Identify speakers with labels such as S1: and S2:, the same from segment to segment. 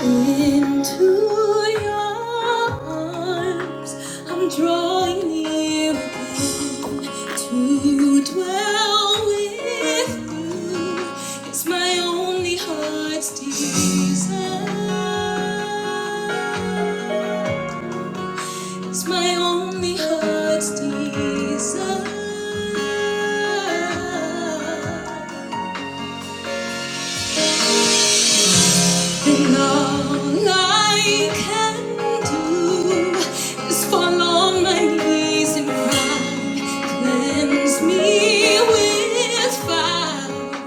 S1: Into your arms, I'm drawing near again to dwell with you. It's my only heart's desire. It's my only heart's desire. And all I can do is fall on my knees and cry. Cleanse me with fire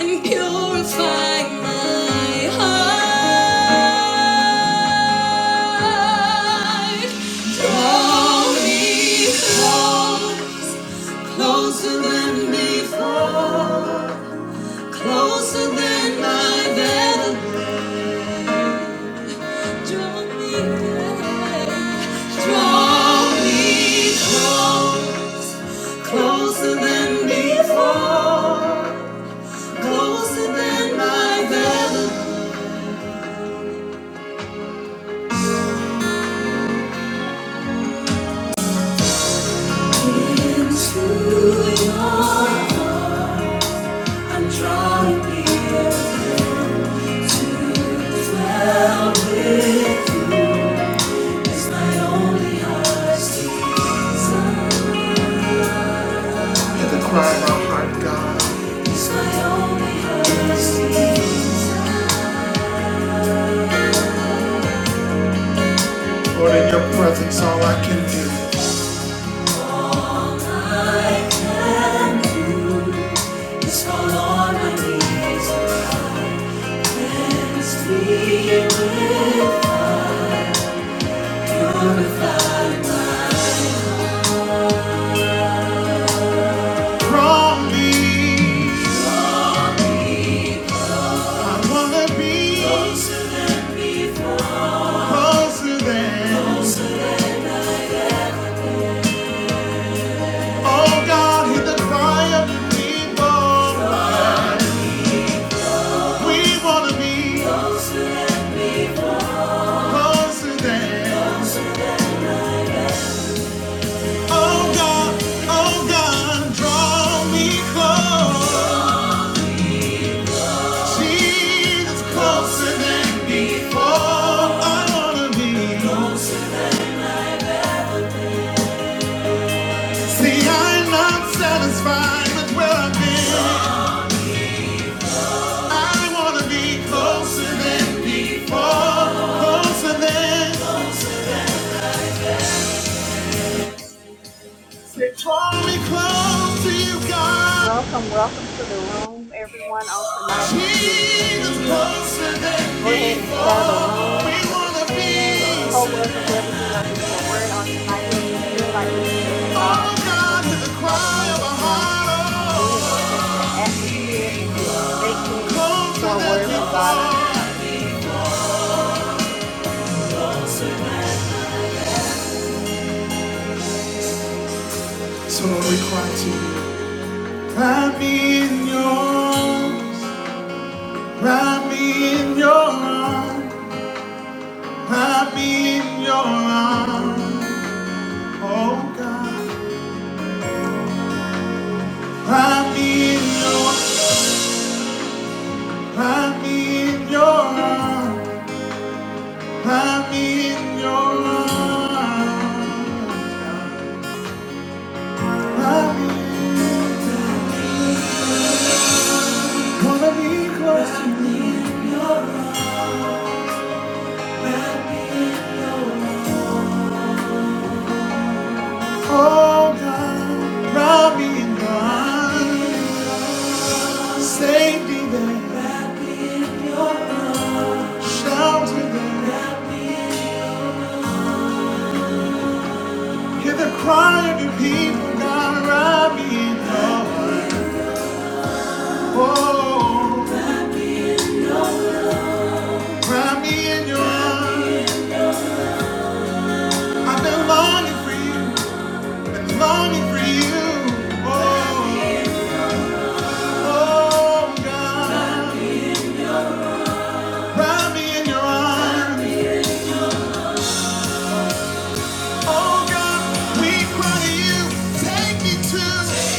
S1: and purify my heart. Draw me close, closer than before, closer than I've ever been. Draw your heart. I'm drawing near, now is my only heart's desire. Hear the cry of our heart, God. Is my only heart's Lord, in your presence, all I can do. It's fall on my knees and see with purified mind. Draw me, I wanna be closer, than. Oh God, hear the cry of the people. We wanna be closer than. Oh God, oh God, draw me close. She's closer than before. I wanna be. See, I'm not satisfied with where I've been. I wanna be closer than before. Closer than. Say, draw me close you, God.
S2: Welcome, welcome to the room, everyone. On tonight, it is good to
S1: Jesus,
S2: see you.
S1: closer than
S2: Go ahead and share the
S1: before. We
S2: room with a
S1: wanna
S2: friend, with a
S1: be.
S2: coworker, whoever you know needs a word on tonight, whoever you feel like needs to hear from God
S1: Oh
S2: on tonight. Go
S1: God, to
S2: ahead and
S1: the
S2: share the
S1: cry
S2: room
S1: of a
S2: with them, and go ahead and
S1: heart. Oh,
S2: set your atmosphere and be expectant
S1: closer
S2: for a
S1: than
S2: word from God on
S1: before.
S2: tonight.
S1: So we cry to you. Wrap me in your arms. Wrap me in your arms. Wrap me in your arms. Oh God. Wrap me in your Wrap me in your arms. Wrap me in your arms. Wrap me in. Wanna be close to you. Oh God. Wrap me in your arms. Safety there. Shout to them. Hear the cry of your people, God. Wrap me in your arms. Wrap me in your arms. I've been longing for you. Been longing for you. Oh, oh, God. Wrap me in your arms. Oh, God. We cry to you. Take me to,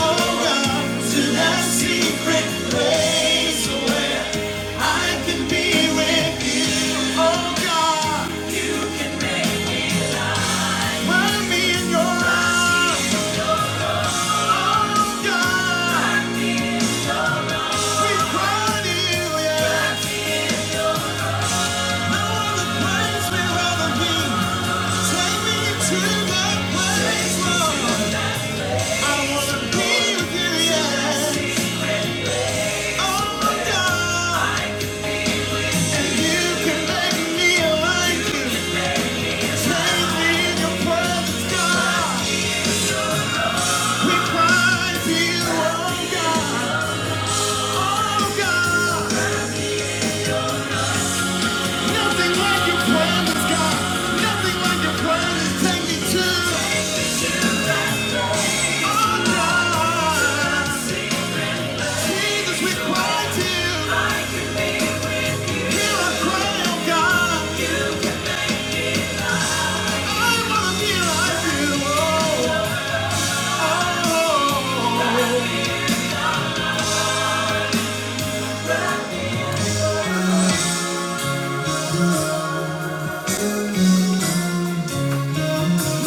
S1: oh, God. To that secret place away. I can be with you, oh God. Wrap me in your arms, oh God. We cry to you, yeah. No other place we'd rather be. Take me to that place, Lord. I wanna be with you, yeah. Oh God. And you can make me like you. Take me in your presence, God. We cry to you, oh God.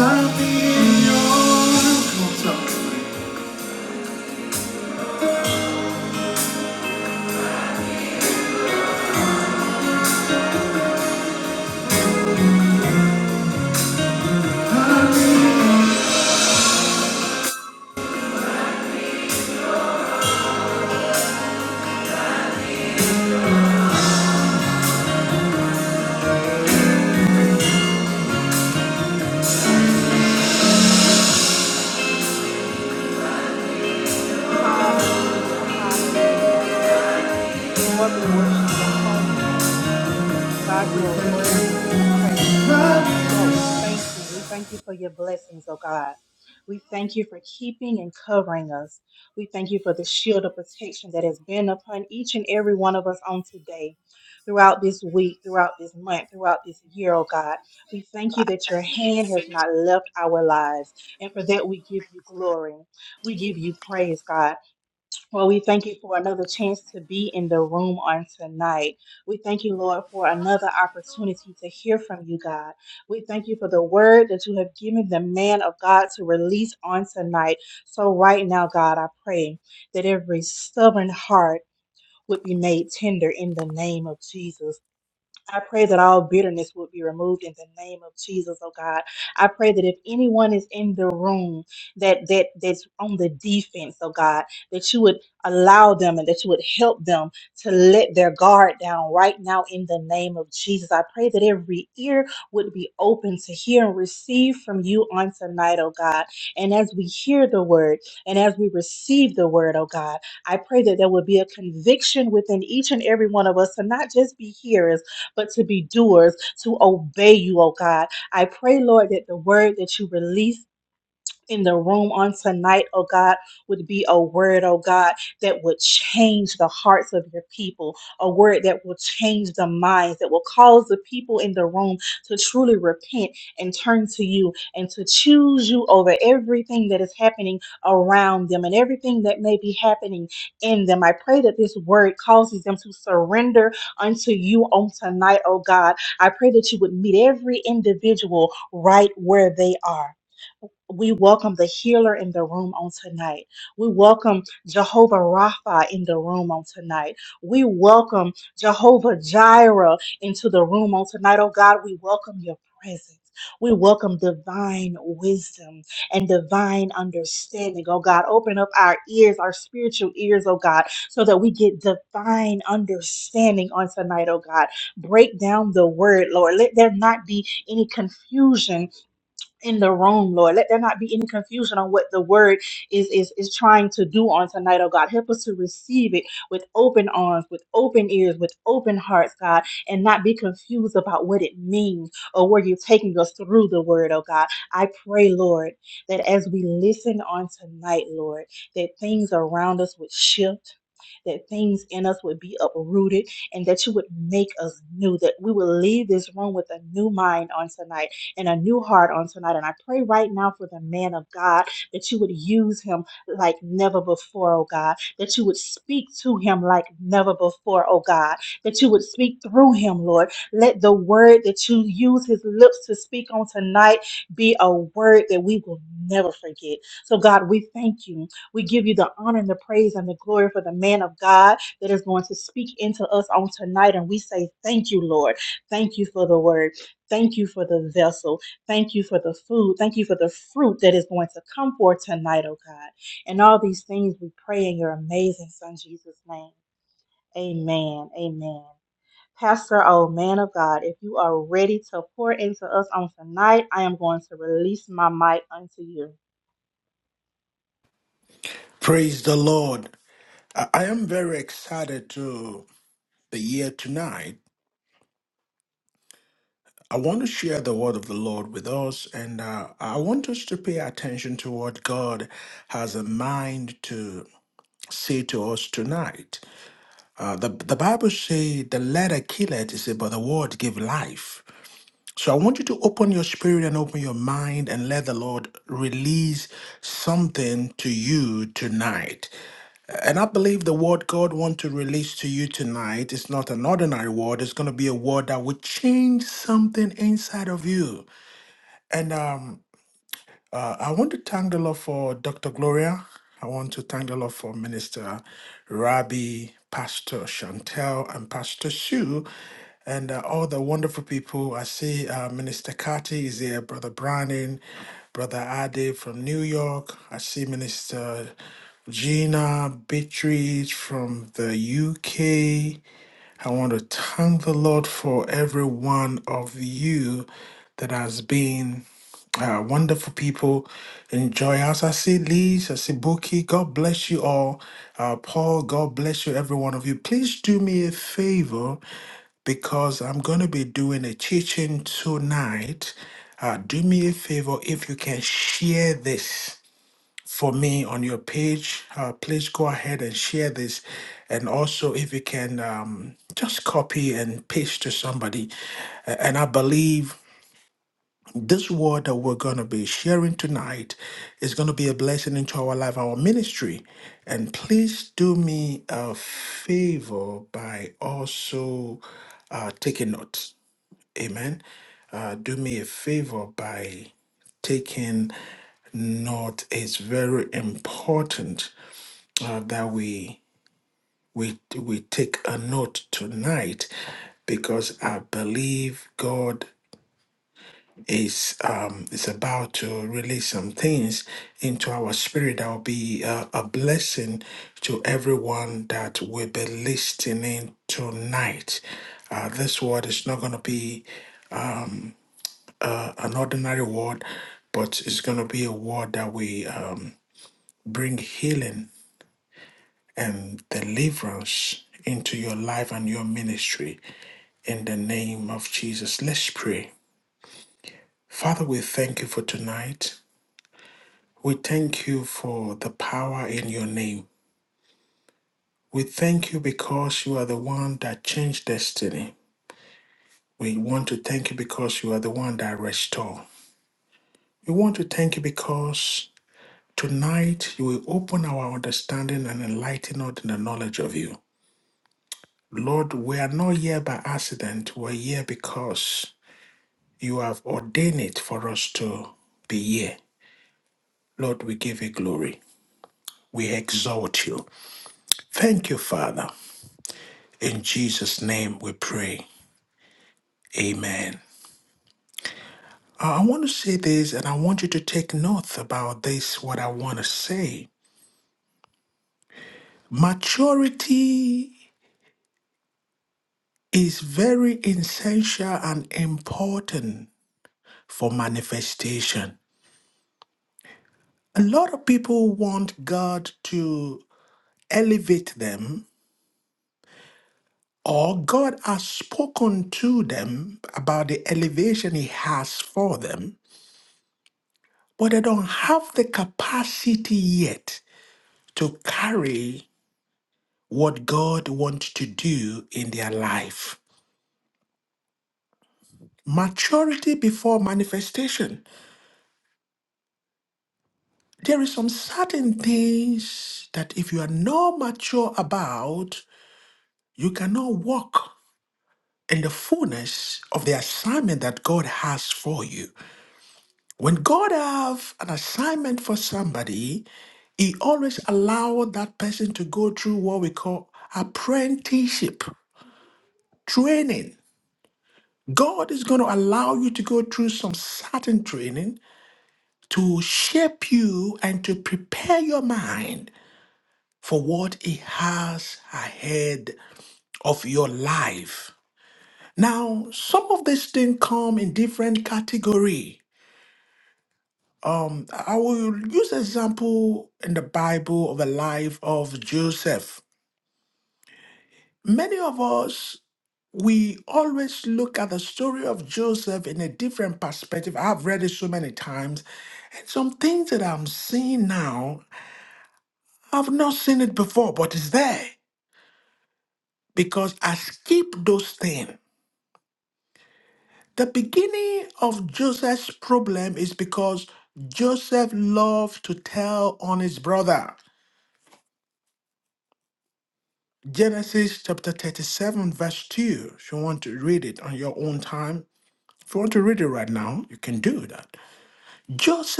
S1: Love me in your love me,
S2: Hallelujah, hallelujah. Lord, we worship your holy name. God, you are worthy to be praised.
S1: love me.
S2: Lord, we thank you. We thank you for your blessings, oh God. We thank you for keeping and covering us. We thank you for the shield of protection that has been upon each and every one of us on today, throughout this week, throughout this month, throughout this year, oh God. We thank you that your hand has not left our lives. And for that, we give you glory. We give you praise, God. Well, we thank you for another chance to be in the room on tonight. We thank you, Lord, for another opportunity to hear from you, God. We thank you for the word that you have given the man of God to release on tonight. So, right now, God, I pray that every stubborn heart would be made tender in the name of Jesus. I pray that all bitterness would be removed in the name of Jesus, oh God. I pray that if anyone is in the room that that that's on the defense, oh God, that you would allow them and that you would help them to let their guard down right now in the name of Jesus. I pray that every ear would be open to hear and receive from you on tonight, oh God. And as we hear the word and as we receive the word, oh God, I pray that there would be a conviction within each and every one of us to not just be hearers but to be doers, to obey you, oh God. I pray, Lord, that the word that you release in the room on tonight, oh God, would be a word, oh God, that would change the hearts of your people, a word that will change the minds, that will cause the people in the room to truly repent and turn to you and to choose you over everything that is happening around them and everything that may be happening in them. I pray that this word causes them to surrender unto you on tonight, oh God. I pray that you would meet every individual right where they are. We welcome the healer in the room on tonight. We welcome Jehovah Rapha in the room on tonight. We welcome Jehovah Jireh into the room on tonight. Oh God, we welcome your presence. We welcome divine wisdom and divine understanding. Oh God, open up our ears, our spiritual ears, oh God, so that we get divine understanding on tonight, oh God. Break down the word, Lord. Let there not be any confusion in the room, Lord. Let there not be any confusion on what the word is is is trying to do on tonight, oh God. Help us to receive it with open arms, with open ears, with open hearts, God, and not be confused about what it means or where you're taking us through the word, oh God. I pray, Lord, that as we listen on tonight, Lord, that things around us would shift that things in us would be uprooted and that you would make us new, that we will leave this room with a new mind on tonight and a new heart on tonight. And I pray right now for the man of God that you would use him like never before, oh God, that you would speak to him like never before, oh God, that you would speak through him, Lord. Let the word that you use his lips to speak on tonight be a word that we will never forget. So, God, we thank you. We give you the honor and the praise and the glory for the man of God that is going to speak into us on tonight. And we say, Thank you, Lord. Thank you for the word. Thank you for the vessel. Thank you for the food. Thank you for the fruit that is going to come forth tonight, oh God. And all these things we pray in your amazing Son, Jesus' name. Amen. Amen. Pastor, oh man of God, if you are ready to pour into us on tonight, I am going to release my mic unto you.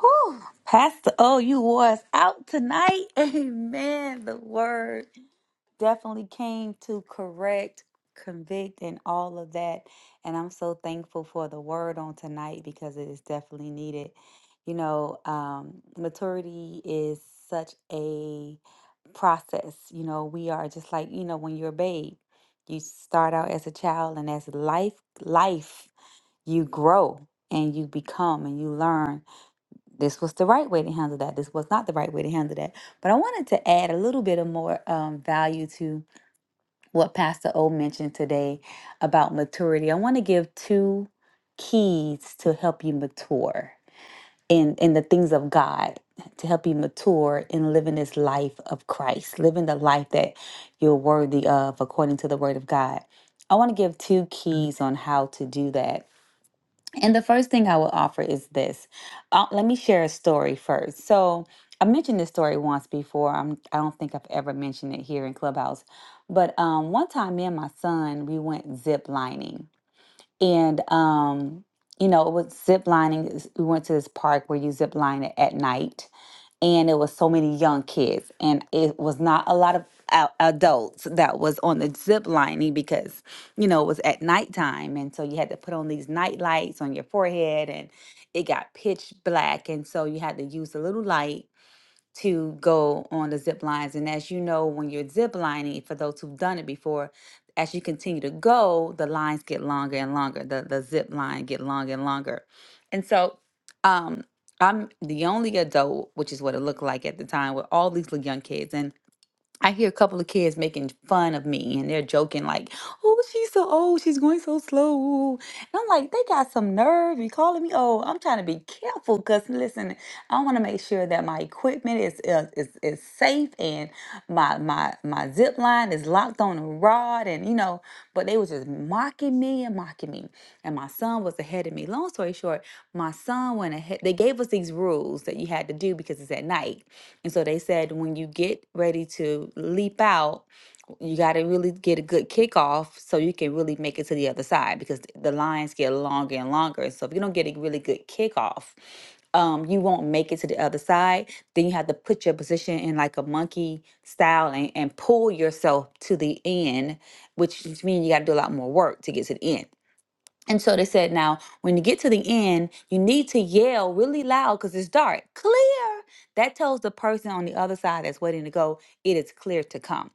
S3: Whew. Pastor O, you wore us out tonight. Amen. The word definitely came to correct, convict, and all of that. And I'm so thankful for the word on tonight because it is definitely needed. You know, um, maturity is such a process. You know, we are just like, you know, when you're a babe, you start out as a child, and as life, life, you grow and you become and you learn this was the right way to handle that. This was not the right way to handle that. But I wanted to add a little bit of more um, value to what Pastor O mentioned today about maturity. I want to give two keys to help you mature in, in the things of God, to help you mature in living this life of Christ, living the life that you're worthy of according to the Word of God. I want to give two keys on how to do that. And the first thing I will offer is this. Uh, let me share a story first. So I mentioned this story once before. I'm, I don't think I've ever mentioned it here in Clubhouse. But um, one time, me and my son, we went zip lining. And, um, you know, it was zip lining. is- We went to this park where you zip line at at night and it was so many young kids and it was not a lot of a- adults that was on the zip lining because you know it was at nighttime and so you had to put on these night lights on your forehead and it got pitch black and so you had to use a little light to go on the zip lines. And as you know, when you're zip lining, for those who've done it before, as you continue to go, the lines get longer and longer. The the zip line get longer and longer. And so um I'm the only adult, which is what it looked like at the time, with all these little young kids. And I hear a couple of kids making fun of me and they're joking like, "Oh, she's so old, she's going so slow." And I'm like, "They got some nerve. You calling me old?" I'm trying to be careful cuz listen, I want to make sure that my equipment is is is, is safe and my my my zip line is locked on a rod and you know but they was just mocking me and mocking me and my son was ahead of me long story short my son went ahead they gave us these rules that you had to do because it's at night and so they said when you get ready to leap out you got to really get a good kickoff so you can really make it to the other side because th- the lines get longer and longer. So if you don't get a really good kickoff, um, you won't make it to the other side. Then you have to put your position in like a monkey style and, and pull yourself to the end, which means you got to do a lot more work to get to the end. And so they said, now, when you get to the end, you need to yell really loud because it's dark. Clear. That tells the person on the other side that's waiting to go, it is clear to come.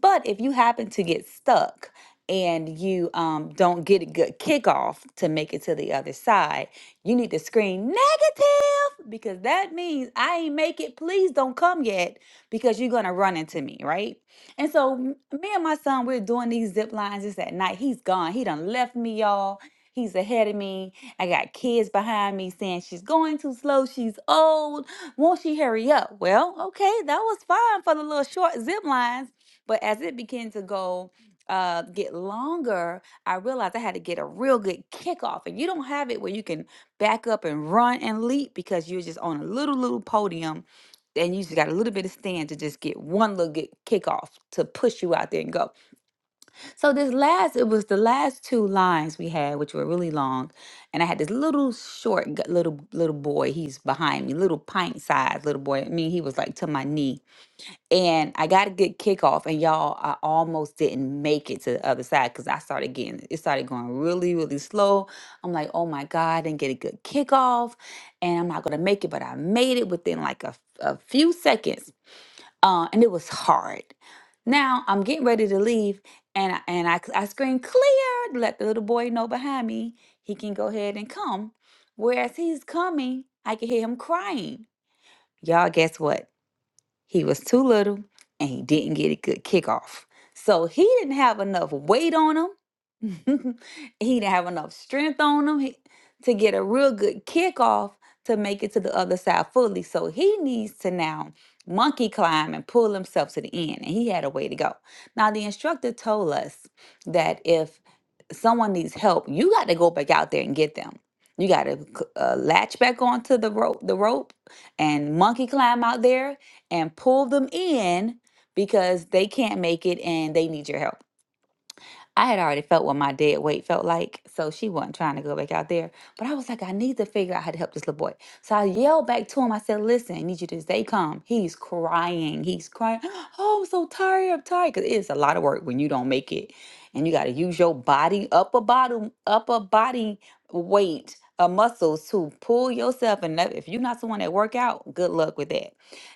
S3: But if you happen to get stuck and you um, don't get a good kickoff to make it to the other side, you need to scream negative because that means I ain't make it. Please don't come yet because you're going to run into me, right? And so m- me and my son, we're doing these zip lines. It's at night. He's gone. He done left me, y'all He's ahead of me. I got kids behind me saying she's going too slow. She's old. Won't she hurry up? Well, okay, that was fine for the little short zip lines. But as it began to go, uh, get longer, I realized I had to get a real good kickoff. And you don't have it where you can back up and run and leap because you're just on a little, little podium and you just got a little bit of stand to just get one little good kickoff to push you out there and go. So this last, it was the last two lines we had, which were really long, and I had this little short g- little little boy. He's behind me, little pint sized little boy. I mean, he was like to my knee, and I got a good kickoff, and y'all, I almost didn't make it to the other side because I started getting it started going really really slow. I'm like, oh my god, I didn't get a good kickoff, and I'm not gonna make it, but I made it within like a, a few seconds uh, and it was hard. Now I'm getting ready to leave, and I, and I I scream clear, to let the little boy know behind me he can go ahead and come. Whereas he's coming, I can hear him crying. Y'all, guess what? He was too little and he didn't get a good kickoff. So he didn't have enough weight on him. he didn't have enough strength on him he- to get a real good kickoff to make it to the other side fully. So he needs to now monkey climb and pull himself to the end. And he had a way to go. Now, the instructor told us that if someone needs help, you got to go back out there and get them. You got to uh, latch back onto the rope, the rope, and monkey climb out there and pull them in because they can't make it and they need your help. I had already felt what my dead weight felt like, so she wasn't trying to go back out there. But I was like, I need to figure out how to help this little boy. So I yelled back to him. I said, Listen, I need you to stay calm. He's crying. He's crying. Oh, I'm so tired. I'm tired. Because it's a lot of work when you don't make it. And you got to use your body, upper bottom, upper body weight of muscles to pull yourself. And that- if you're not someone that work out, good luck with that.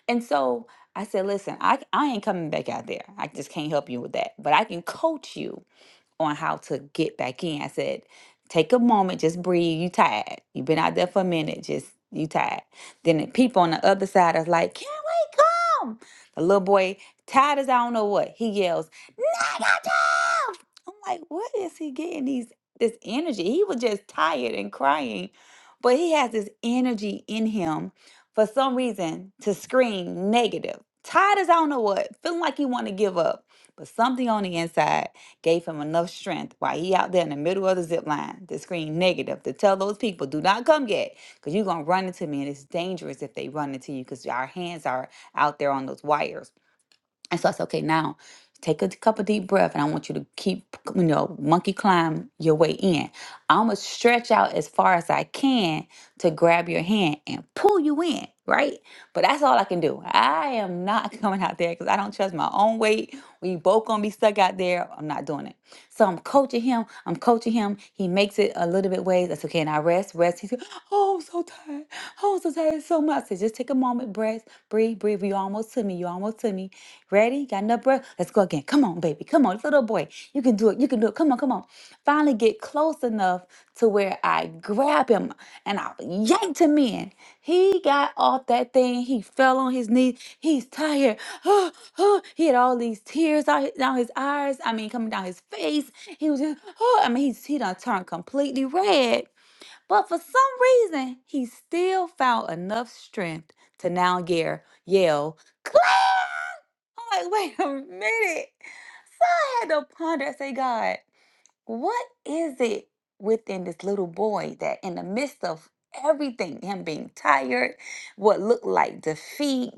S3: And so I said, listen, I, I ain't coming back out there. I just can't help you with that. But I can coach you on how to get back in. I said, take a moment, just breathe. You tired. You've been out there for a minute, just you tired. Then the people on the other side are like, can we come? The little boy, tired as I don't know what, he yells, negative. I'm like, what is he getting these this energy? He was just tired and crying, but he has this energy in him for some reason to scream negative. Tired as I don't know what, feeling like he want to give up, but something on the inside gave him enough strength while he out there in the middle of the zip line to scream negative to tell those people do not come yet because you're going to run into me and it's dangerous if they run into you because our hands are out there on those wires and so i said okay now take a couple deep breath and i want you to keep you know monkey climb your way in i'm going to stretch out as far as i can to grab your hand and pull you in right but that's all i can do i am not coming out there because i don't trust my own weight we both gonna be stuck out there i'm not doing it so I'm coaching him. I'm coaching him. He makes it a little bit ways. I said, okay, and I rest, rest. He's like, oh, I'm so tired. Oh, I'm so tired It's so much. I said, just take a moment, breath, breathe, breathe. You almost to me. You almost to me. Ready? Got enough breath? Let's go again. Come on, baby. Come on, little boy. You can do it. You can do it. Come on, come on. Finally get close enough to where I grab him and I yanked him in. He got off that thing. He fell on his knees. He's tired. "Oh, oh," he had all these tears out his, down his eyes. I mean, coming down his face. He was just, oh, I mean, he's, he done turned completely red. But for some reason, he still found enough strength to now yell, yell, Claire! I'm like, wait a minute. So I had to ponder and say, God. What is it within this little boy that, in the midst of everything, him being tired, what looked like defeat,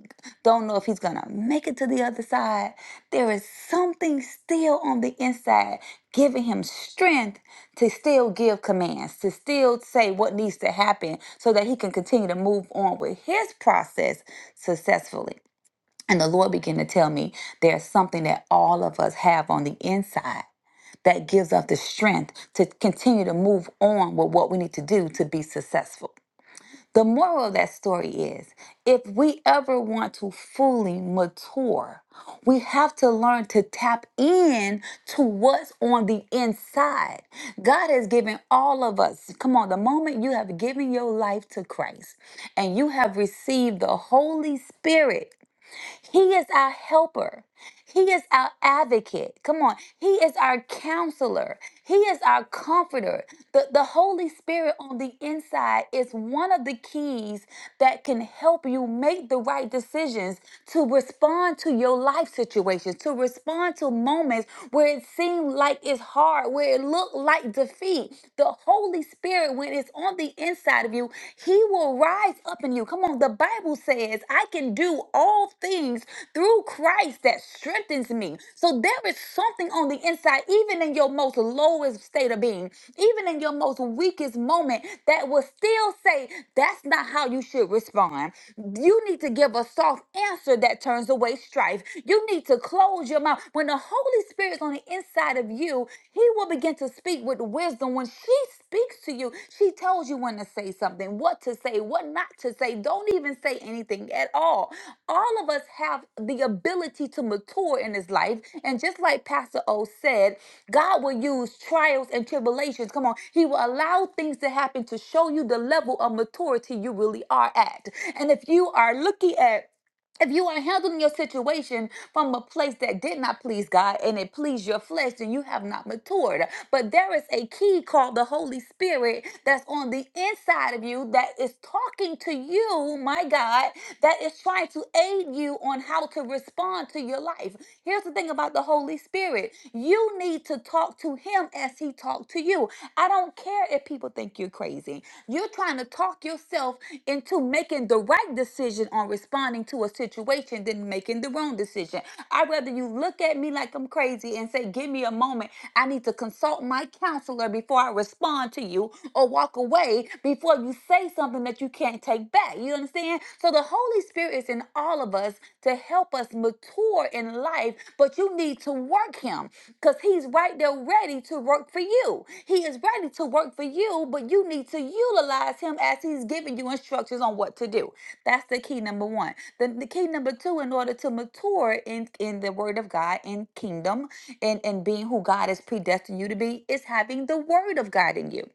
S3: don't know if he's gonna make it to the other side, there is something still on the inside giving him strength to still give commands, to still say what needs to happen so that he can continue to move on with his process successfully. And the Lord began to tell me there's something that all of us have on the inside that gives us the strength to continue to move on with what we need to do to be successful. The moral of that story is if we ever want to fully mature, we have to learn to tap in to what's on the inside. God has given all of us, come on, the moment you have given your life to Christ and you have received the Holy Spirit. He is our helper. He is our advocate. Come on. He is our counselor. He is our comforter. The, the Holy Spirit on the inside is one of the keys that can help you make the right decisions to respond to your life situations, to respond to moments where it seemed like it's hard, where it looked like defeat. The Holy Spirit, when it's on the inside of you, He will will rise up in you. Come on, the Bible says, I can do all things through Christ that strengthens me. So there is something on the inside, even in your most lowest state of being, even in your most weakest moment, that will still say, That's not how you should respond. You need to give a soft answer that turns away strife. You need to close your mouth. When the Holy Spirit's on the inside of you, you, he will begin to speak with wisdom. When she speaks to you, she tells you when to say something, what to say, what not to say. Don't even say anything at all. All of us have the ability to mature in this life. And just like Pastor O said, God will use trials and tribulations. Come on. He will allow things to happen to show you the level of maturity you really are at. And if you are looking at if you are handling your situation from a place that did not please God and it pleased your flesh, then you have not matured. But there is a key called the Holy Spirit that's on the inside of you that is talking to you, my God, that is trying to aid you on how to respond to your life. Here's the thing about the Holy Spirit you need to talk to Him as He talked to you. I don't care if people think you're crazy, you're trying to talk yourself into making the right right decision on responding to a situation than making the wrong decision. I'd rather you look at me like I'm crazy and say, Give me a moment. I need to consult my counselor before I respond to you or walk away before you say something that you can't take back. You understand? So the Holy Spirit is in all of us to help us mature in life, but you need to work Him because He's right there ready to work for you. He is ready to work for you, but you need to utilize Him as Yes, he's giving you instructions on what to do. That's the key number one. Then the key number two, in order to mature in, in the word of God in kingdom and, and being who God has predestined you to be, is having the word of God in you.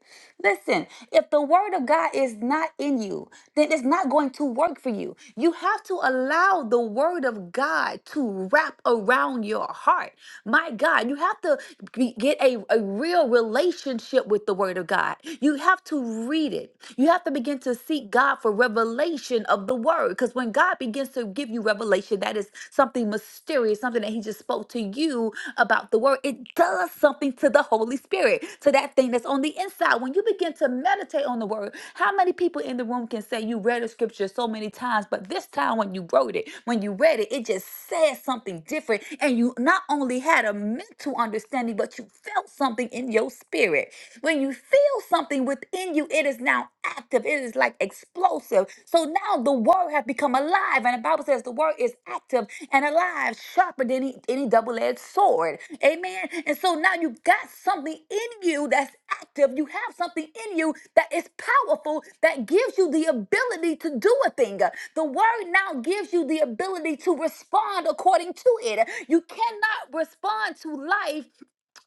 S3: Listen, if the word of God is not in you, then it's not going to work for you. You have to allow the word of God to wrap around your heart. My God, you have to be- get a, a real relationship with the word of God. You you have to read it. You have to begin to seek God for revelation of the word. Because when God begins to give you revelation, that is something mysterious, something that He just spoke to you about the word. It does something to the Holy Spirit, to that thing that's on the inside. When you begin to meditate on the word, how many people in the room can say you read a scripture so many times, but this time when you wrote it, when you read it, it just said something different. And you not only had a mental understanding, but you felt something in your your spirit. When you feel something within you, it is now active. It is like explosive. So now the word has become alive. And the Bible says the word is active and alive, sharper than any, any double-edged sword. Amen. And so now you got something in you that's active. You have something in you that is powerful that gives you the ability to do a thing. The word now gives you the ability to respond according to it. You cannot respond to life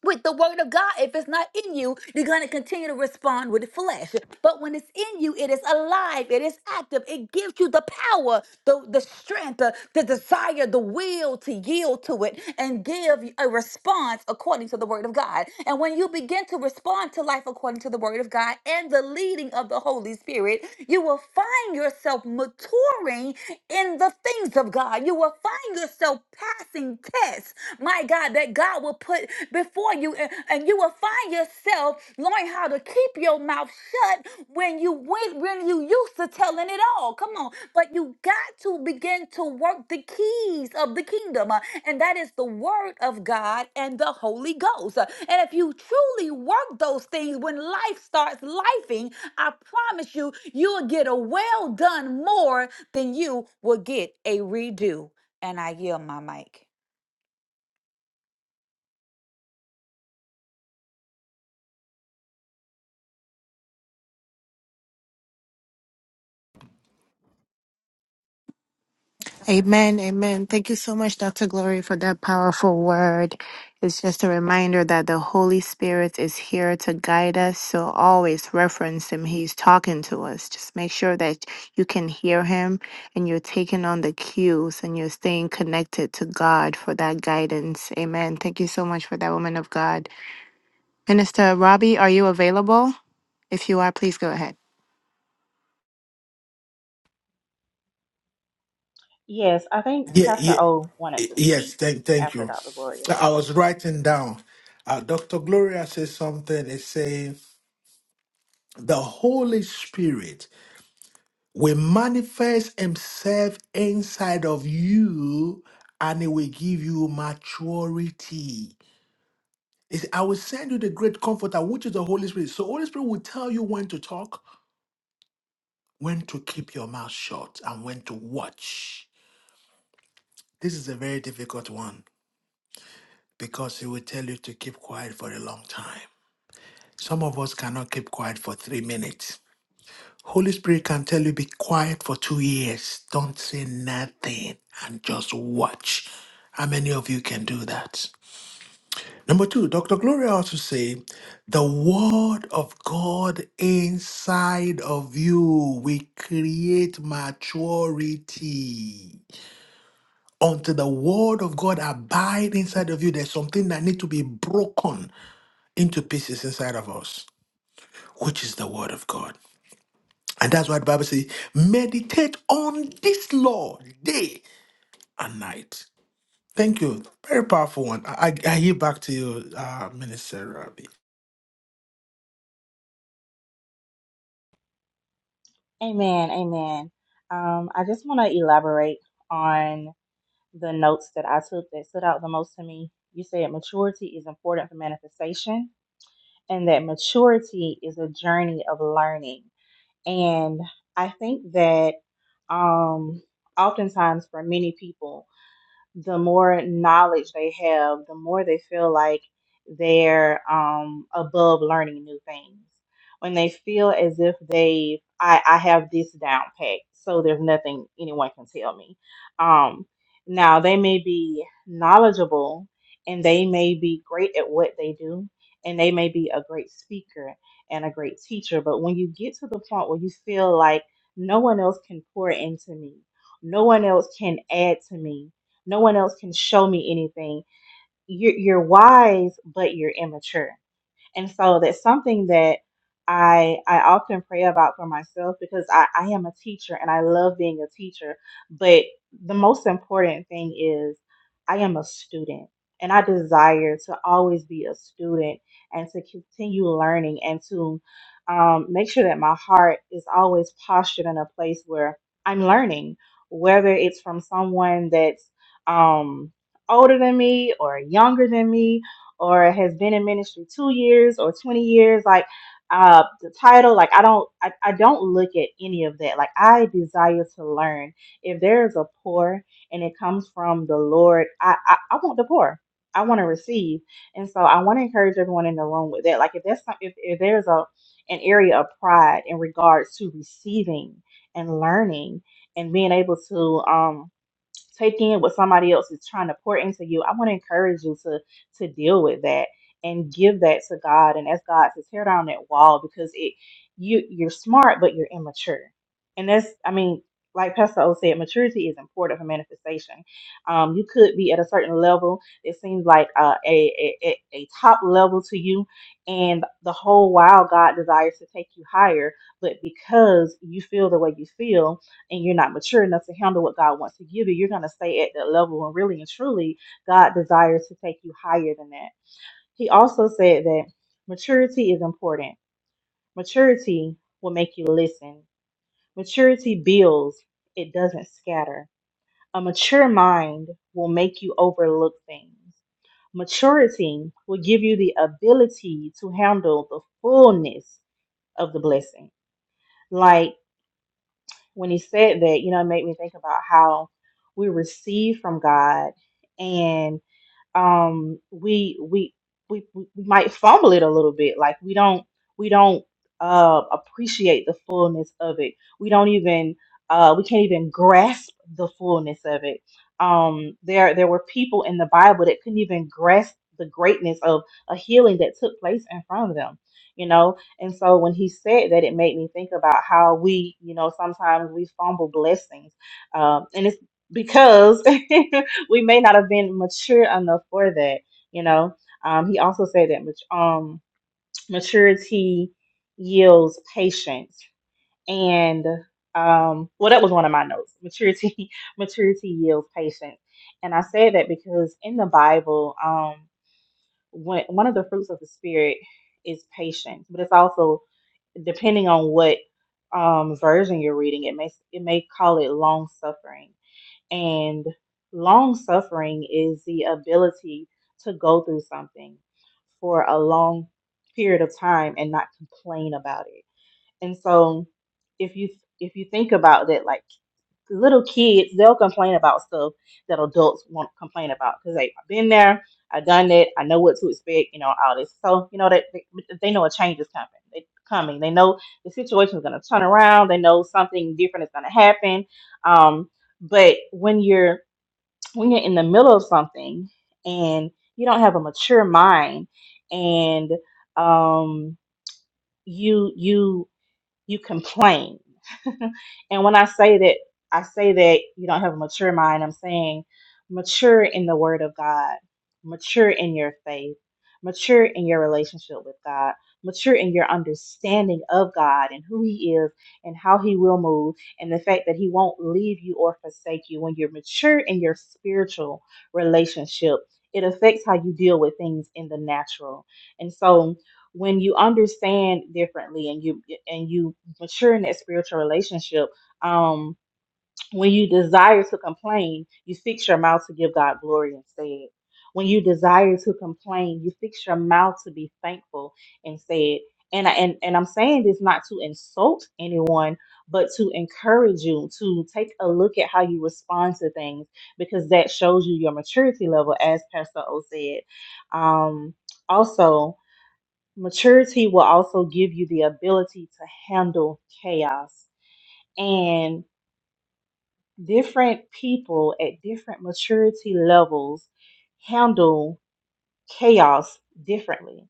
S3: with the word of God. If it's not in you, you're going to continue to respond with the flesh. But when it's in you, it is alive, it is active, it gives you the power, the, the strength, the, the desire, the will to yield to it and give a response according to the word of God. And when you begin to respond to life according to the word of God, and the leading of the Holy Spirit, you will find yourself maturing in the things of God. You will find yourself passing tests, my God, that God will put before you. And, and you will find yourself learning how to keep your mouth shut when you went, when you used to telling it all. Come on. But you got to begin to work the keys of the kingdom and that is the Word of God and the Holy Ghost. And if you truly work those things when life starts lifing, I promise you, you'll get a well done more than you will get a redo. And I yield my mic.
S4: Amen. Amen. Thank you so much, Dr. Glory, for that powerful word. It's just a reminder that the Holy Spirit is here to guide us. So always reference Him. He's talking to us. Just make sure that you can hear Him and you're taking on the cues and you're staying connected to God for that guidance. Amen. Thank you so much for that, woman of God. Minister Robbie, are you available? If you are, please go ahead.
S2: Yes, I think Pastor O wanted to speak after Dr. Gloria. Amen, amen. Um, I just want to elaborate on the notes that I took that stood out the most to me. You said maturity is important for manifestation, and that maturity is a journey of learning. And I think that um, oftentimes for many people, the more knowledge they have, the more they feel like they're um, above learning new things. When they feel as if they, I, I have this down pat, so there's nothing anyone can tell me. Um, now they may be knowledgeable, and they may be great at what they do, and they may be a great speaker and a great teacher. But when you get to the point where you feel like no one else can pour into me, no one else can add to me no one else can show me anything. You're, you're wise, but you're immature. And so that's something that I I often pray about for myself because I, I am a teacher and I love being a teacher. But the most important thing is I am a student and I desire to always be a student and to continue learning and to um, make sure that my heart is always postured in a place where I'm learning, whether it's from someone that's um, older than me or younger than me or has been in ministry two years or 20 years like uh the title like i don't I, I don't look at any of that like i desire to learn if there is a pour and it comes from the lord i i, I want the pour i want to receive and so i want to encourage everyone in the room with that like if that's some, if, if there's a an area of pride in regards to receiving and learning and being able to um taking it what somebody else is trying to pour into you, I want to encourage you to to deal with that and give that to God and ask God to tear down that wall because it you you're smart but you're immature. And that's I mean, like Pastor O said, maturity is important for manifestation. Um, you could be at a certain level. It seems like uh, a, a a a top level to you, and the whole while God desires to take you higher. But because you feel the way you feel, and you're not mature enough to handle what God wants to give you, you're going to stay at that level. And really and truly, God desires to take you higher than that. He also said that maturity is important. Maturity will make you listen. Maturity builds, it doesn't scatter. A mature mind will make you overlook things. Maturity will give you the ability to handle the fullness of the blessing. Like. when he said that, you know, it made me think about how we receive from God and um we we we we might fumble it a little bit like we don't we don't uh appreciate the fullness of it we don't even uh we can't even grasp the fullness of it um there there were people in the bible that couldn't even grasp the greatness of a healing that took place in front of them you know and so when he said that it made me think about how we you know sometimes we fumble blessings um and it's because we may not have been mature enough for that, you know. Um, he also said that mat- um, maturity yields patience, and um, well, that was one of my notes. Maturity, maturity yields patience, and I said that because in the Bible, um, when, one of the fruits of the spirit is patience, but it's also depending on what um, version you're reading, it may it may call it long suffering and long suffering is the ability to go through something for a long period of time and not complain about it. And so if you if you think about that, like little kids, they'll complain about stuff that adults won't complain about because they've been there, I've done it, I know what to expect, you know, all this. So you know that they, they know a change is coming. They coming. They know the situation is going to turn around. They know something different is going to happen. Um, but when you're when you're in the middle of something and you don't have a mature mind and um, you you you complain. and when I say that, I say that you don't have a mature mind. I'm saying mature in the Word of God, mature in your faith, mature in your relationship with God, mature in your understanding of God and who He is and how He will move, and the fact that He won't leave you or forsake you. When you're mature in your spiritual relationship, it affects how you deal with things in the natural. And so, when you understand differently and you and you mature in that spiritual relationship. Um, when you desire to complain, you fix your mouth to give God glory instead. When you desire to complain, you fix your mouth to be thankful instead. And I- and and I'm saying this not to insult anyone, but to encourage you to take a look at how you respond to things because that shows you your maturity level, as Pastor O said. Um, also, maturity will also give you the ability to handle chaos and different people at different maturity levels handle chaos differently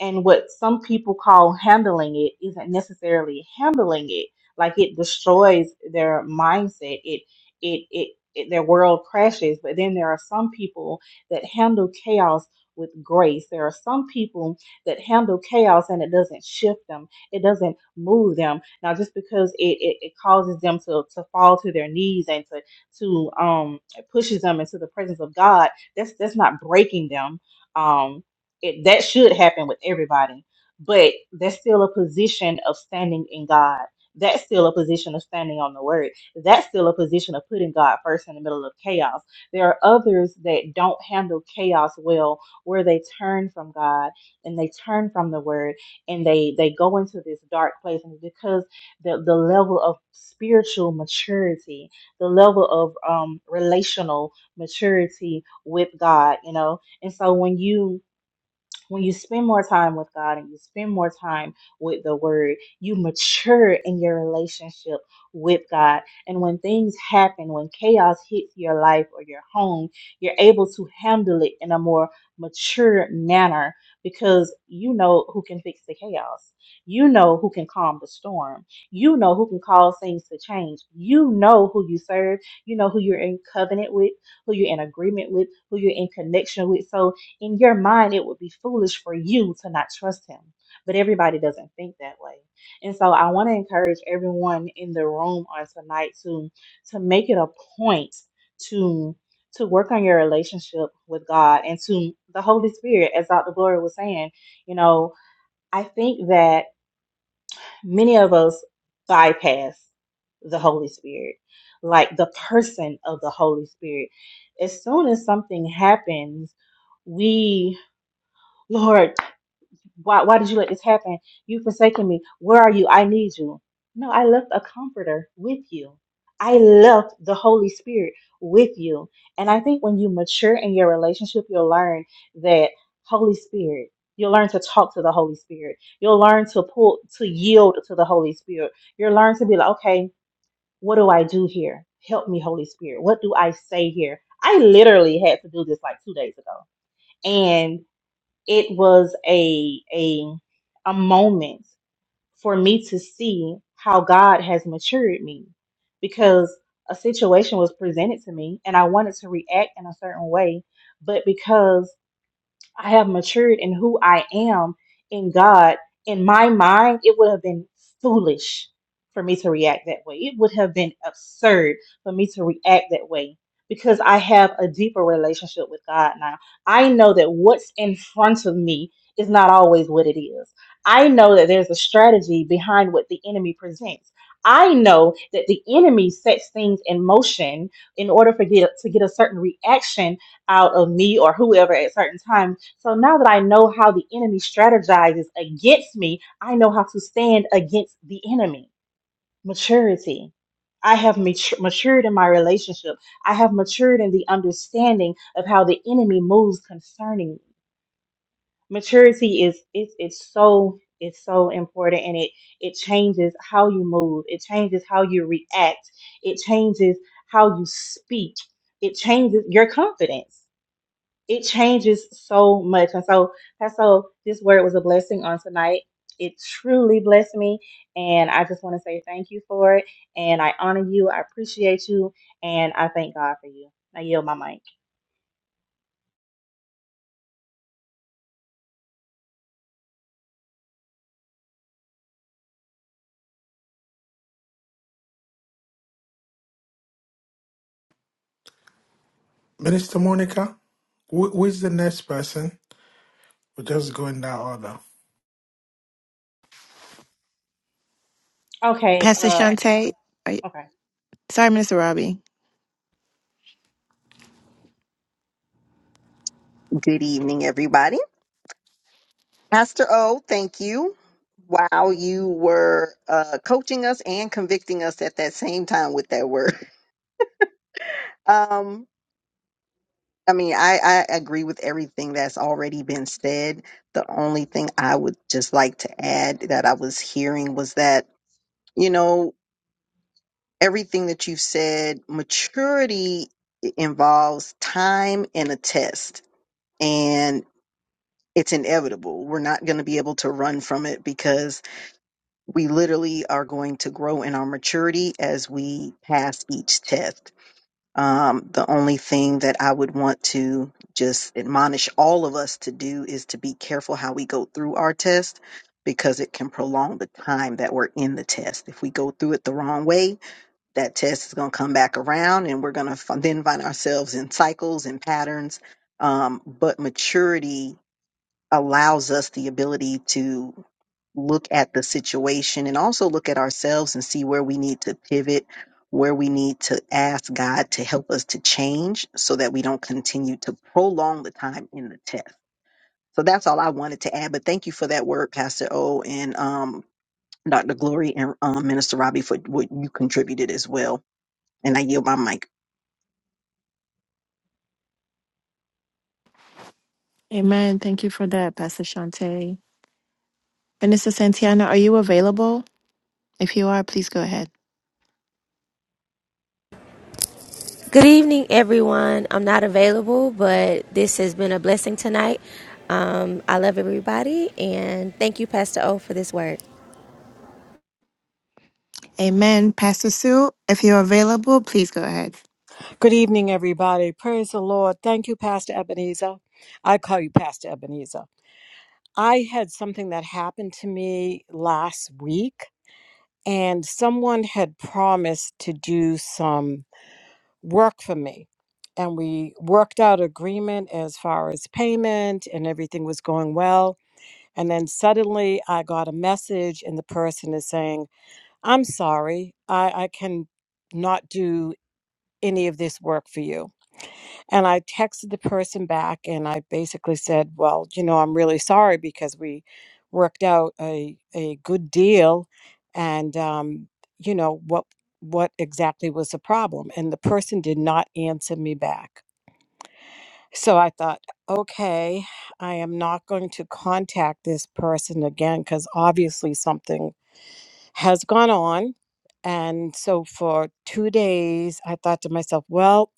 S2: and what some people call handling it isn't necessarily handling it like it destroys their mindset it it it, it their world crashes but then there are some people that handle chaos with grace there are some people that handle chaos and it doesn't shift them it doesn't move them now just because it, it, it causes them to, to fall to their knees and to to um it pushes them into the presence of god that's that's not breaking them Um, it, that should happen with everybody but that's still a position of standing in god that's still a position of standing on the word that's still a position of putting god first in the middle of chaos there are others that don't handle chaos well where they turn from god and they turn from the word and they they go into this dark place and because the the level of spiritual maturity the level of um relational maturity with god you know and so when you when you spend more time with God and you spend more time with the Word, you mature in your relationship with God. And when things happen, when chaos hits your life or your home, you're able to handle it in a more mature manner because you know who can fix the chaos. You know who can calm the storm. You know who can cause things to change. You know who you serve. You know who you're in covenant with, who you're in agreement with, who you're in connection with. So in your mind, it would be foolish for you to not trust him. But everybody doesn't think that way. And so I want to encourage everyone in the room on tonight to to make it a point to to work on your relationship with God and to the Holy Spirit, as Dr. Gloria was saying, you know, I think that many of us bypass the Holy Spirit, like the person of the Holy Spirit. As soon as something happens, we, Lord why, why did you let this happen? You've forsaken me. Where are you? I need you. No, I left a comforter with you. I left the Holy Spirit with you. And I think when you mature in your relationship, you'll learn that Holy Spirit, you'll learn to talk to the Holy Spirit. You'll learn to pull, to yield to the Holy Spirit. You'll learn to be like, okay, what do I do here? Help me, Holy Spirit. What do I say here? I literally had to do this like two days ago. and it was a a a moment for me to see how God has matured me because a situation was presented to me and I wanted to react in a certain way, but because I have matured in who I am in God, in my mind, it would have been foolish for me to react that way. It would have been absurd for me to react that way because I have a deeper relationship with God now. I know that what's in front of me is not always what it is. I know that there's a strategy behind what the enemy presents. I know that the enemy sets things in motion in order for get, to get a certain reaction out of me or whoever at certain times. So now that I know how the enemy strategizes against me, I know how to stand against the enemy. Maturity. I have matur- matured in my relationship. I have matured in the understanding of how the enemy moves concerning me. Maturity is it's it's so it's so important and it it changes how you move. It changes how you react. It changes how you speak. It changes your confidence it changes so much. And so, Pastor, so this word was a blessing on tonight. It truly blessed me. And I just want to say thank you for it. And I honor you. I appreciate you. And I thank God for you. I yield my mic. Okay.
S4: Pastor
S2: Uh,
S4: Shante, are you?
S2: okay.
S4: Sorry, Minister Robbie.
S5: Good evening, everybody. Pastor O, thank you. Wow, you were uh, coaching us and convicting us at that same time with that word. Um, I mean, I, I agree with everything that's already been said. The only thing I would just like to add that I was hearing was that, you know, everything that you've said, maturity i- involves time and a test. And it's inevitable. We're not going to be able to run from it because we literally are going to grow in our maturity as we pass each test. Um, the only thing that I would want to just admonish all of us to do is to be careful how we go through our test because it can prolong the time that we're in the test. If we go through it the wrong way, that test is going to come back around and we're going to f- then find ourselves in cycles and patterns. Um, but maturity allows us the ability to look at the situation and also look at ourselves and see where we need to pivot, where we need to ask God to help us to change so that we don't continue to prolong the time in the test. So that's all I wanted to add. But thank you for that word, Pastor O and um, Dr. Glory and um, Minister Robbie for what you contributed as well. And I yield my mic.
S4: Amen. Thank you for that, Pastor Shante. Minister Santiana, are you available? If you are, please go ahead.
S6: Good evening, everyone. I'm not available, but this has been a blessing tonight. Um, I love everybody, and thank you, Pastor O, for this word.
S4: Amen. Pastor Sue, if you're available, please go ahead.
S7: Good evening, everybody. Praise the Lord. Thank you, Pastor Ebenezer. I call you Pastor Ebenezer. I had something that happened to me last week, and someone had promised to do some work for me. And we worked out agreement as far as payment, and everything was going well. And then suddenly I got a message, and the person is saying, I'm sorry, I, I can not do any of this work for you And I texted the person back and I basically said, Well, you know, I'm really sorry because we worked out a, a good deal and um, you know, what what exactly was the problem? And the person did not answer me back. So I thought, okay, I am not going to contact this person again because obviously something has gone on. And so for two days, I thought to myself, well,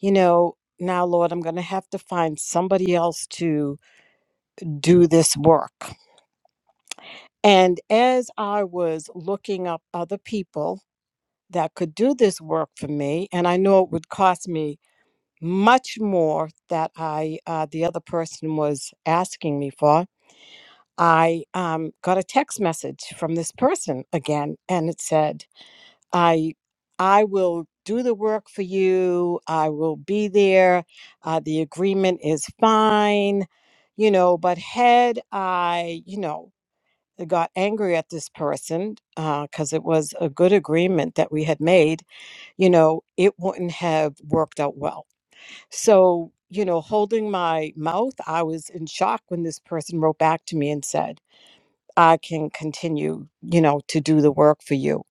S7: you know, now, Lord, I'm going to have to find somebody else to do this work. And as I was looking up other people that could do this work for me, and I know it would cost me much more that I uh, the other person was asking me for. I um, got a text message from this person again, and it said, I I will do the work for you. I will be there. Uh, the agreement is fine, you know. But had I, you know, got angry at this person because it was a good agreement that we had made, you know, it wouldn't have worked out well. So, you know, holding my mouth, I was in shock when this person wrote back to me and said, "I can continue, you know, to do the work for you."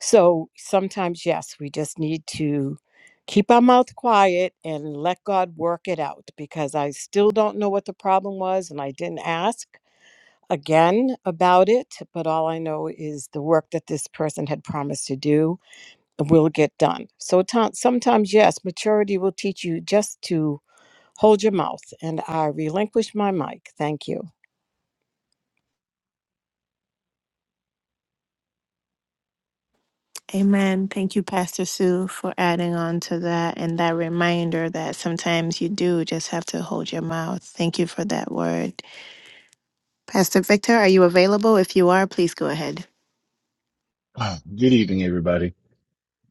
S7: So sometimes, yes, we just need to keep our mouth quiet and let God work it out because I still don't know what the problem was and I didn't ask again about it. But all I know is the work that this person had promised to do will get done. So ta- sometimes, yes, maturity will teach you just to hold your mouth. And I relinquish my mic. Thank you.
S4: Amen. Thank you, Pastor Sue, for adding on to that and that reminder that sometimes you do just have to hold your mouth. Thank you for that word. Pastor Victor, are you available? If you are, please go ahead.
S8: Ah, Good evening, everybody.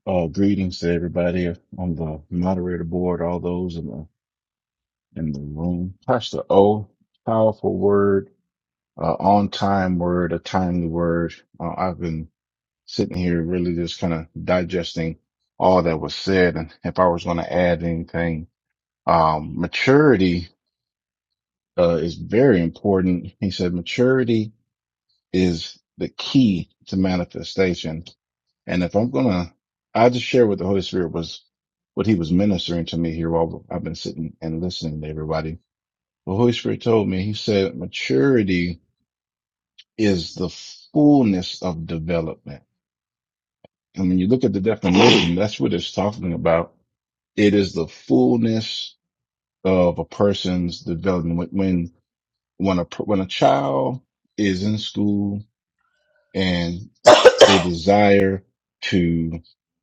S8: Uh, greetings to everybody on the moderator board, all those in the in the room. Pastor O, powerful word, uh, on time word, a timely word. Uh, I've been sitting here really just kind of digesting all that was said, and if I was going to add anything, um, maturity uh, is very important. He said maturity is the key to manifestation And if I'm gonna, I just share what the Holy Spirit was, what He was ministering to me here while I've been sitting and listening to everybody. The Holy Spirit told me, He said, maturity is the fullness of development. And when you look at the definition, that's what it's talking about. It is the fullness of a person's development. When, when, when a, when a child is in school and they desire to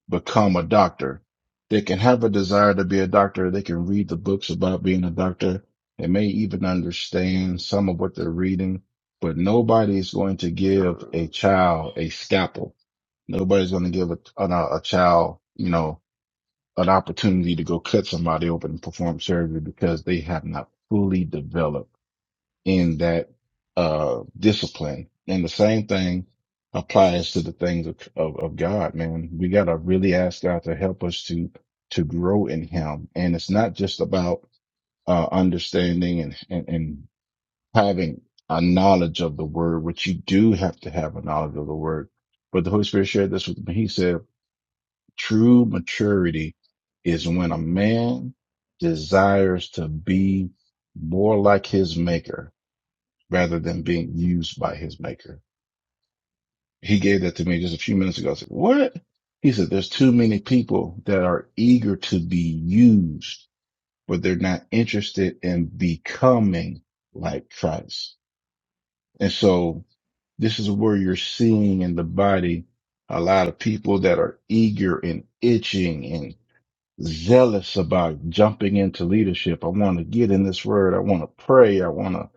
S8: become a doctor. They can have a desire to be a doctor. They can read the books about being a doctor. They may even understand some of what they're reading, but nobody's going to give a child a scalpel. Nobody's going to give a, an- a, a child, you know, an opportunity to go cut somebody open and perform surgery because they have not fully developed in that uh, discipline. And the same thing applies to the things of, of, of God, man. We got to really ask God to help us to, to grow in him. And it's not just about, uh, understanding and, and, and having a knowledge of the word, which you do have to have a knowledge of the word. But the Holy Spirit shared this with me. He said, true maturity is when a man desires to be more like his maker rather than being used by his maker. He gave that to me just a few minutes ago. I said, what? He said, there's too many people that are eager to be used, but they're not interested in becoming like Christ. And so this is where you're seeing in the body a lot of people that are eager and itching zealous about jumping into leadership. I want to get in this word. I want to pray. I want to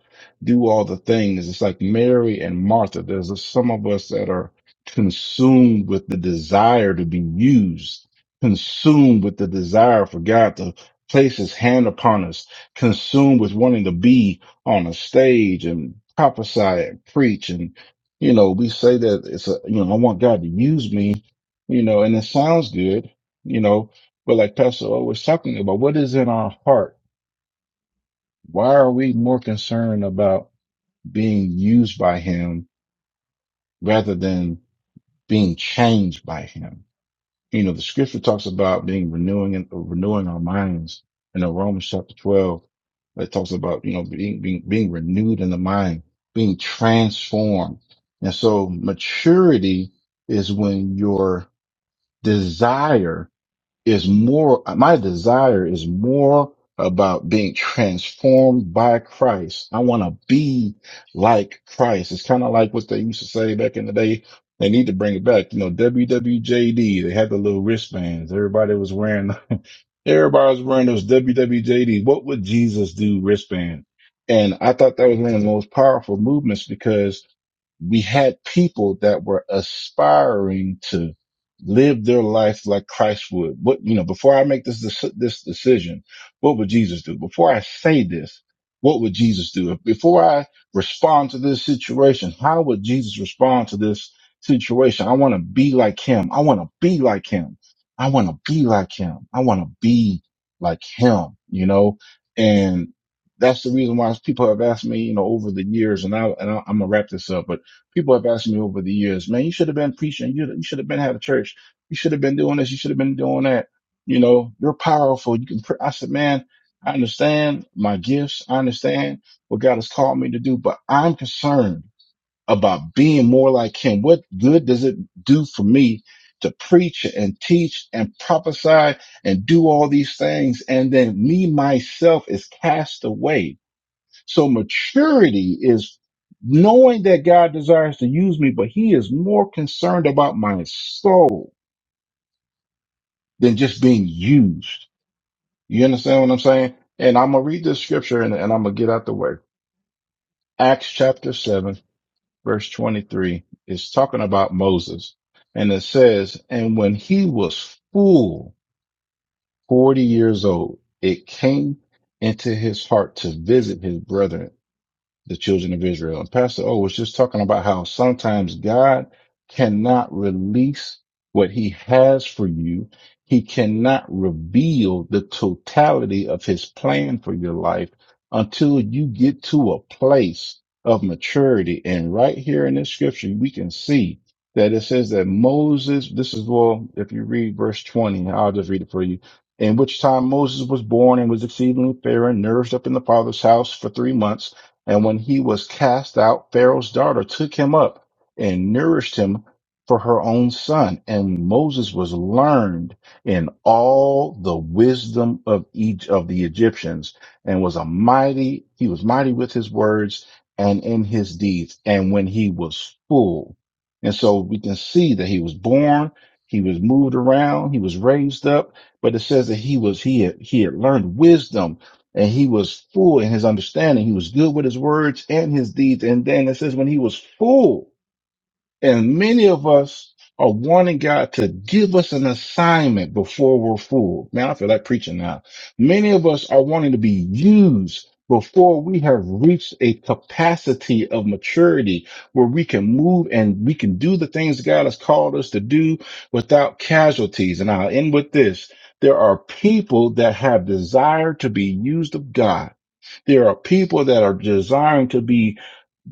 S8: do all the things. It's like Mary and Martha. There's a- some of us that are consumed with the desire to be used, consumed with the desire for God to place his hand upon us, consumed with wanting to be on a stage and prophesy and preach. And, you know, we say that it's a, you know, I want God to use me, you know, and it sounds good, you know, but like Pastor O was talking about, what is in our heart? Why are we more concerned about being used by him rather than being changed by him? You know, the scripture talks about being renewing and renewing our minds. And in Romans chapter 12, it talks about, you know, being, being, being renewed in the mind, being transformed. And so maturity is when your desire is more, my desire is more about being transformed by Christ. I want to be like Christ. It's kind of like what they used to say back in the day. They need to bring it back. You know, WWJD, they had the little wristbands. Everybody was wearing, everybody was wearing those WWJD. What would Jesus do wristband? And I thought that was one of the most powerful movements because we had people that were aspiring to live their life like Christ would. What, you know, before I make this, deci- this decision, what would Jesus do? Before I say this, what would Jesus do? Before I respond to this situation, how would Jesus respond to this situation? I want to be like him. I want to be like him. I want to be like him. I want to be like him, you know, and that's the reason why people have asked me, you know, over the years, and I and I, I'm gonna wrap this up, but people have asked me over the years, man, you should have been preaching. You, you should have been had a church. You should have been doing this. You should have been doing that. You know, you're powerful. You can. Pre-. I said, man, I understand my gifts. I understand what God has called me to do, but I'm concerned about being more like Him. What good does it do for me to preach and teach and prophesy and do all these things, and then me myself is cast away? So maturity is knowing that God desires to use me, but he is more concerned about my soul than just being used. You understand what I'm saying? And I'm going to read this scripture and, and I'm going to get out the way. Acts chapter seven, verse 23 is talking about Moses and it says, and when he was full 40 years old, it came into his heart to visit his brethren the children of Israel. And Pastor O was just talking about how sometimes God cannot release what he has for you. He cannot reveal the totality of his plan for your life until you get to a place of maturity. And right here in this scripture, we can see that it says that Moses, this is, well, if you read verse 20, I'll just read it for you. In which time Moses was born and was exceedingly fair and nourished up in the father's house for three months. And when he was cast out, Pharaoh's daughter took him up and nourished him for her own son. And Moses was learned in all the wisdom of each of the Egyptians and was a mighty, he was mighty with his words and in his deeds. And when he was full, and so we can see that he was born, he was moved around, he was raised up, but it says that he was, he had, he had learned wisdom and he was full in his understanding. He was good with his words and his deeds. And then it says, when he was full, and many of us are wanting God to give us an assignment before we're full. Man, I feel like preaching now. Many of us are wanting to be used before we have reached a capacity of maturity where we can move and we can do the things God has called us to do without casualties. And I'll end with this. There are people that have desire to be used of God. There are people that are desiring to be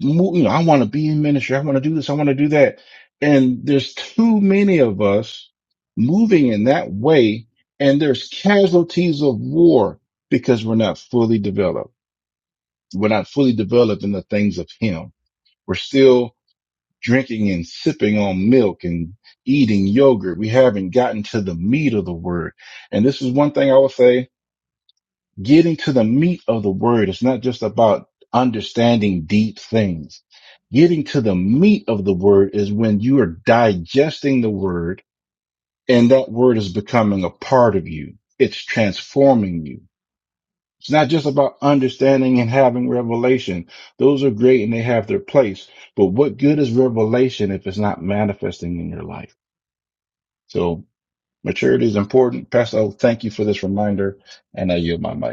S8: mo- you know, I want to be in ministry. I want to do this. I want to do that. And there's too many of us moving in that way. And there's casualties of war because we're not fully developed. We're not fully developed in the things of him. We're still drinking and sipping on milk and eating yogurt. We haven't gotten to the meat of the word. And this is one thing I will say getting to the meat of the word. It's not just about understanding deep things. Getting to the meat of the word is when you are digesting the word and that word is becoming a part of you. It's transforming you. It's not just about understanding and having revelation. Those are great and they have their place. But what good is revelation if it's not manifesting in your life? So maturity is important. Pastor, thank you for this reminder and I yield my mic.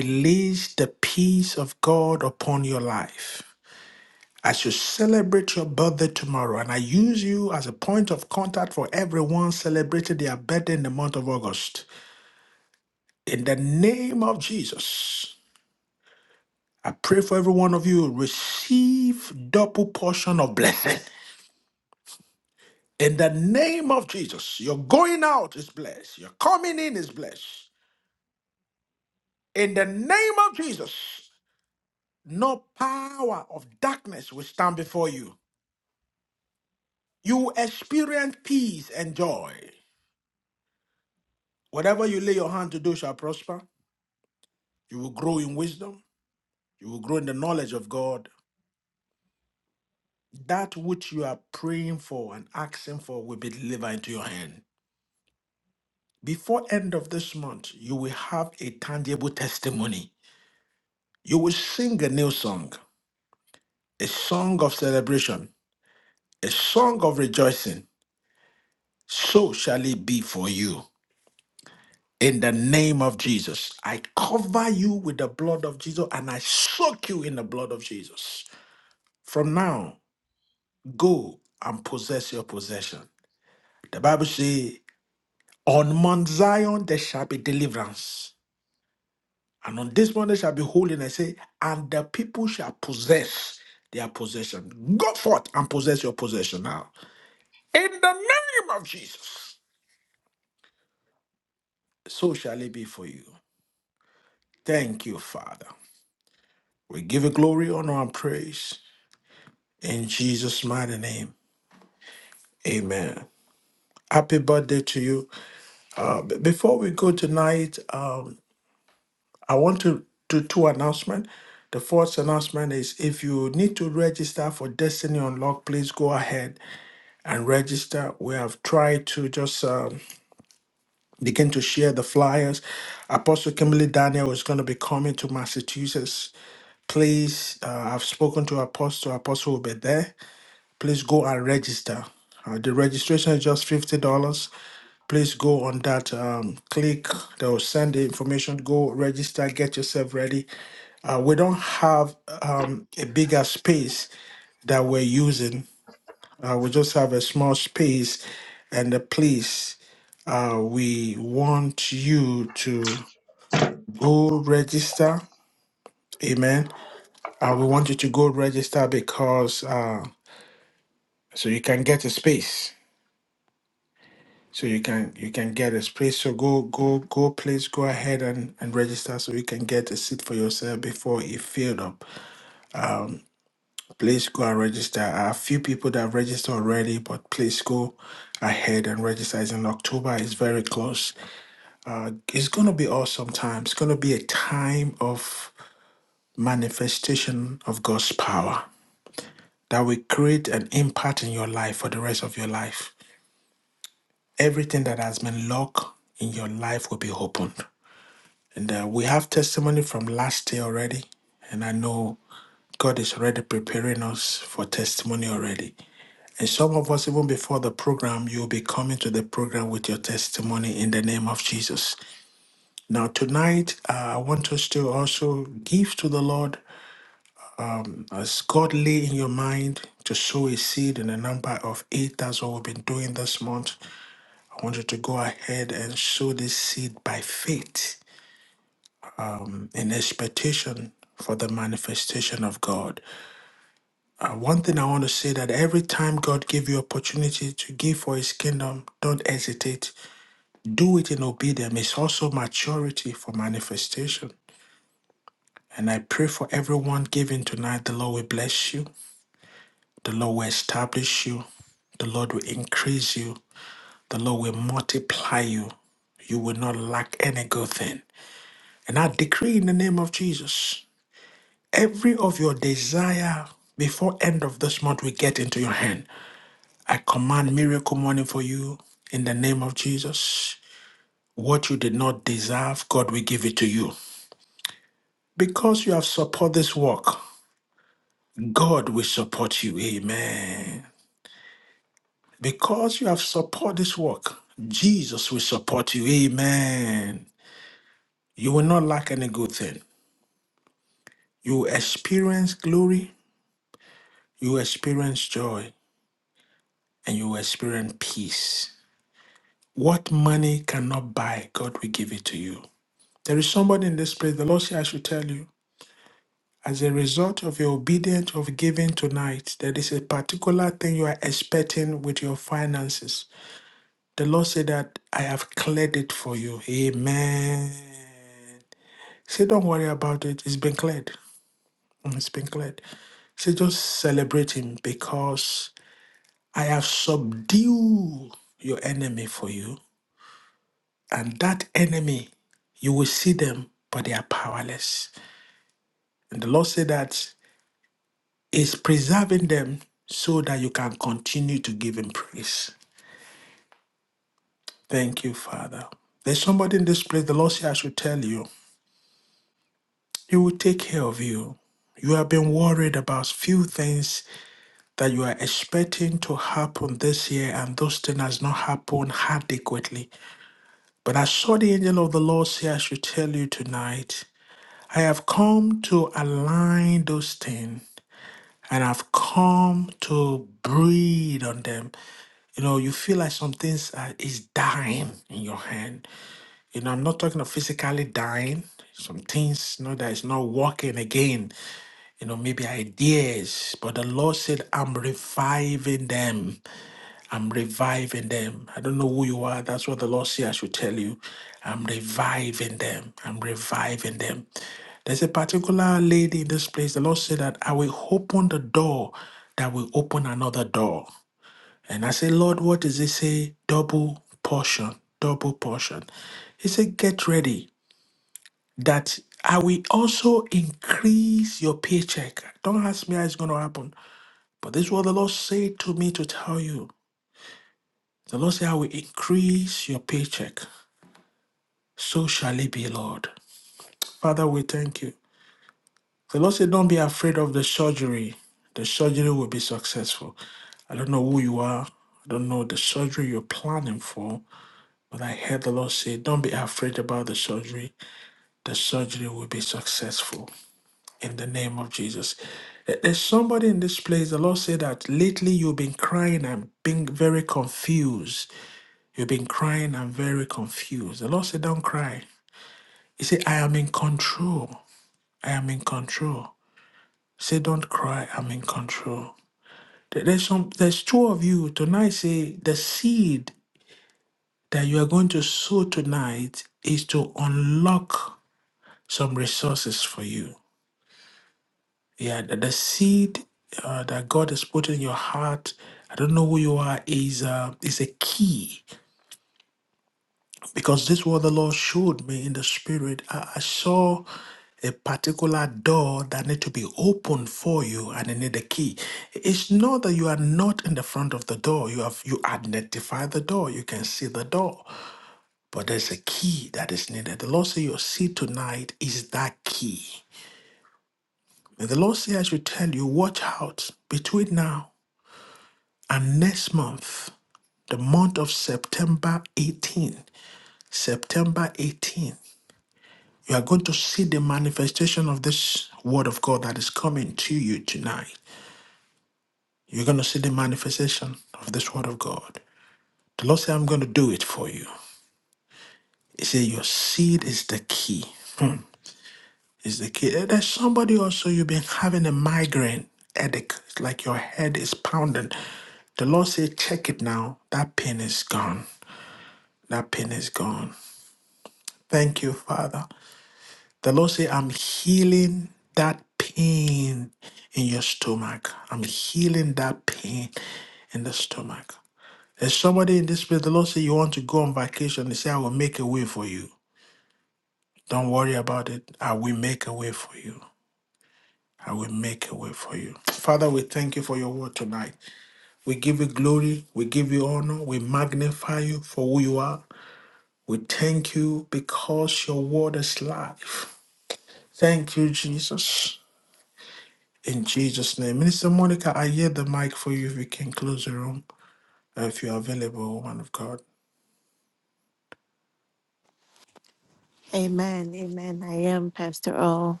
S4: Amen. Amen. I am Pastor O.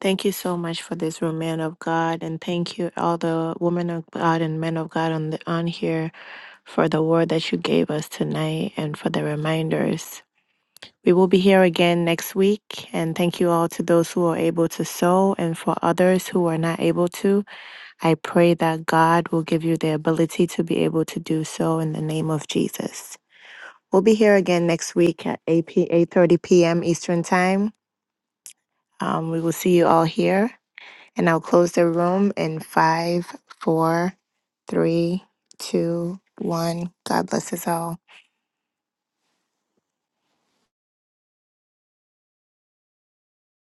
S4: Thank you so much for this room, man of God, and thank you all the women of God and men of God on the on here for the word that you gave us tonight and for the reminders. We will be here again next week, and thank you all to those who are able to sow, and for others who are not able to. I pray that God will give you the ability to be able to do so in the name of Jesus. We'll be here again next week at 8 p- 8:30 p.m. Eastern Time. Um, we will see you all here, and I'll close the room in five, four, three, two, one. God bless us all.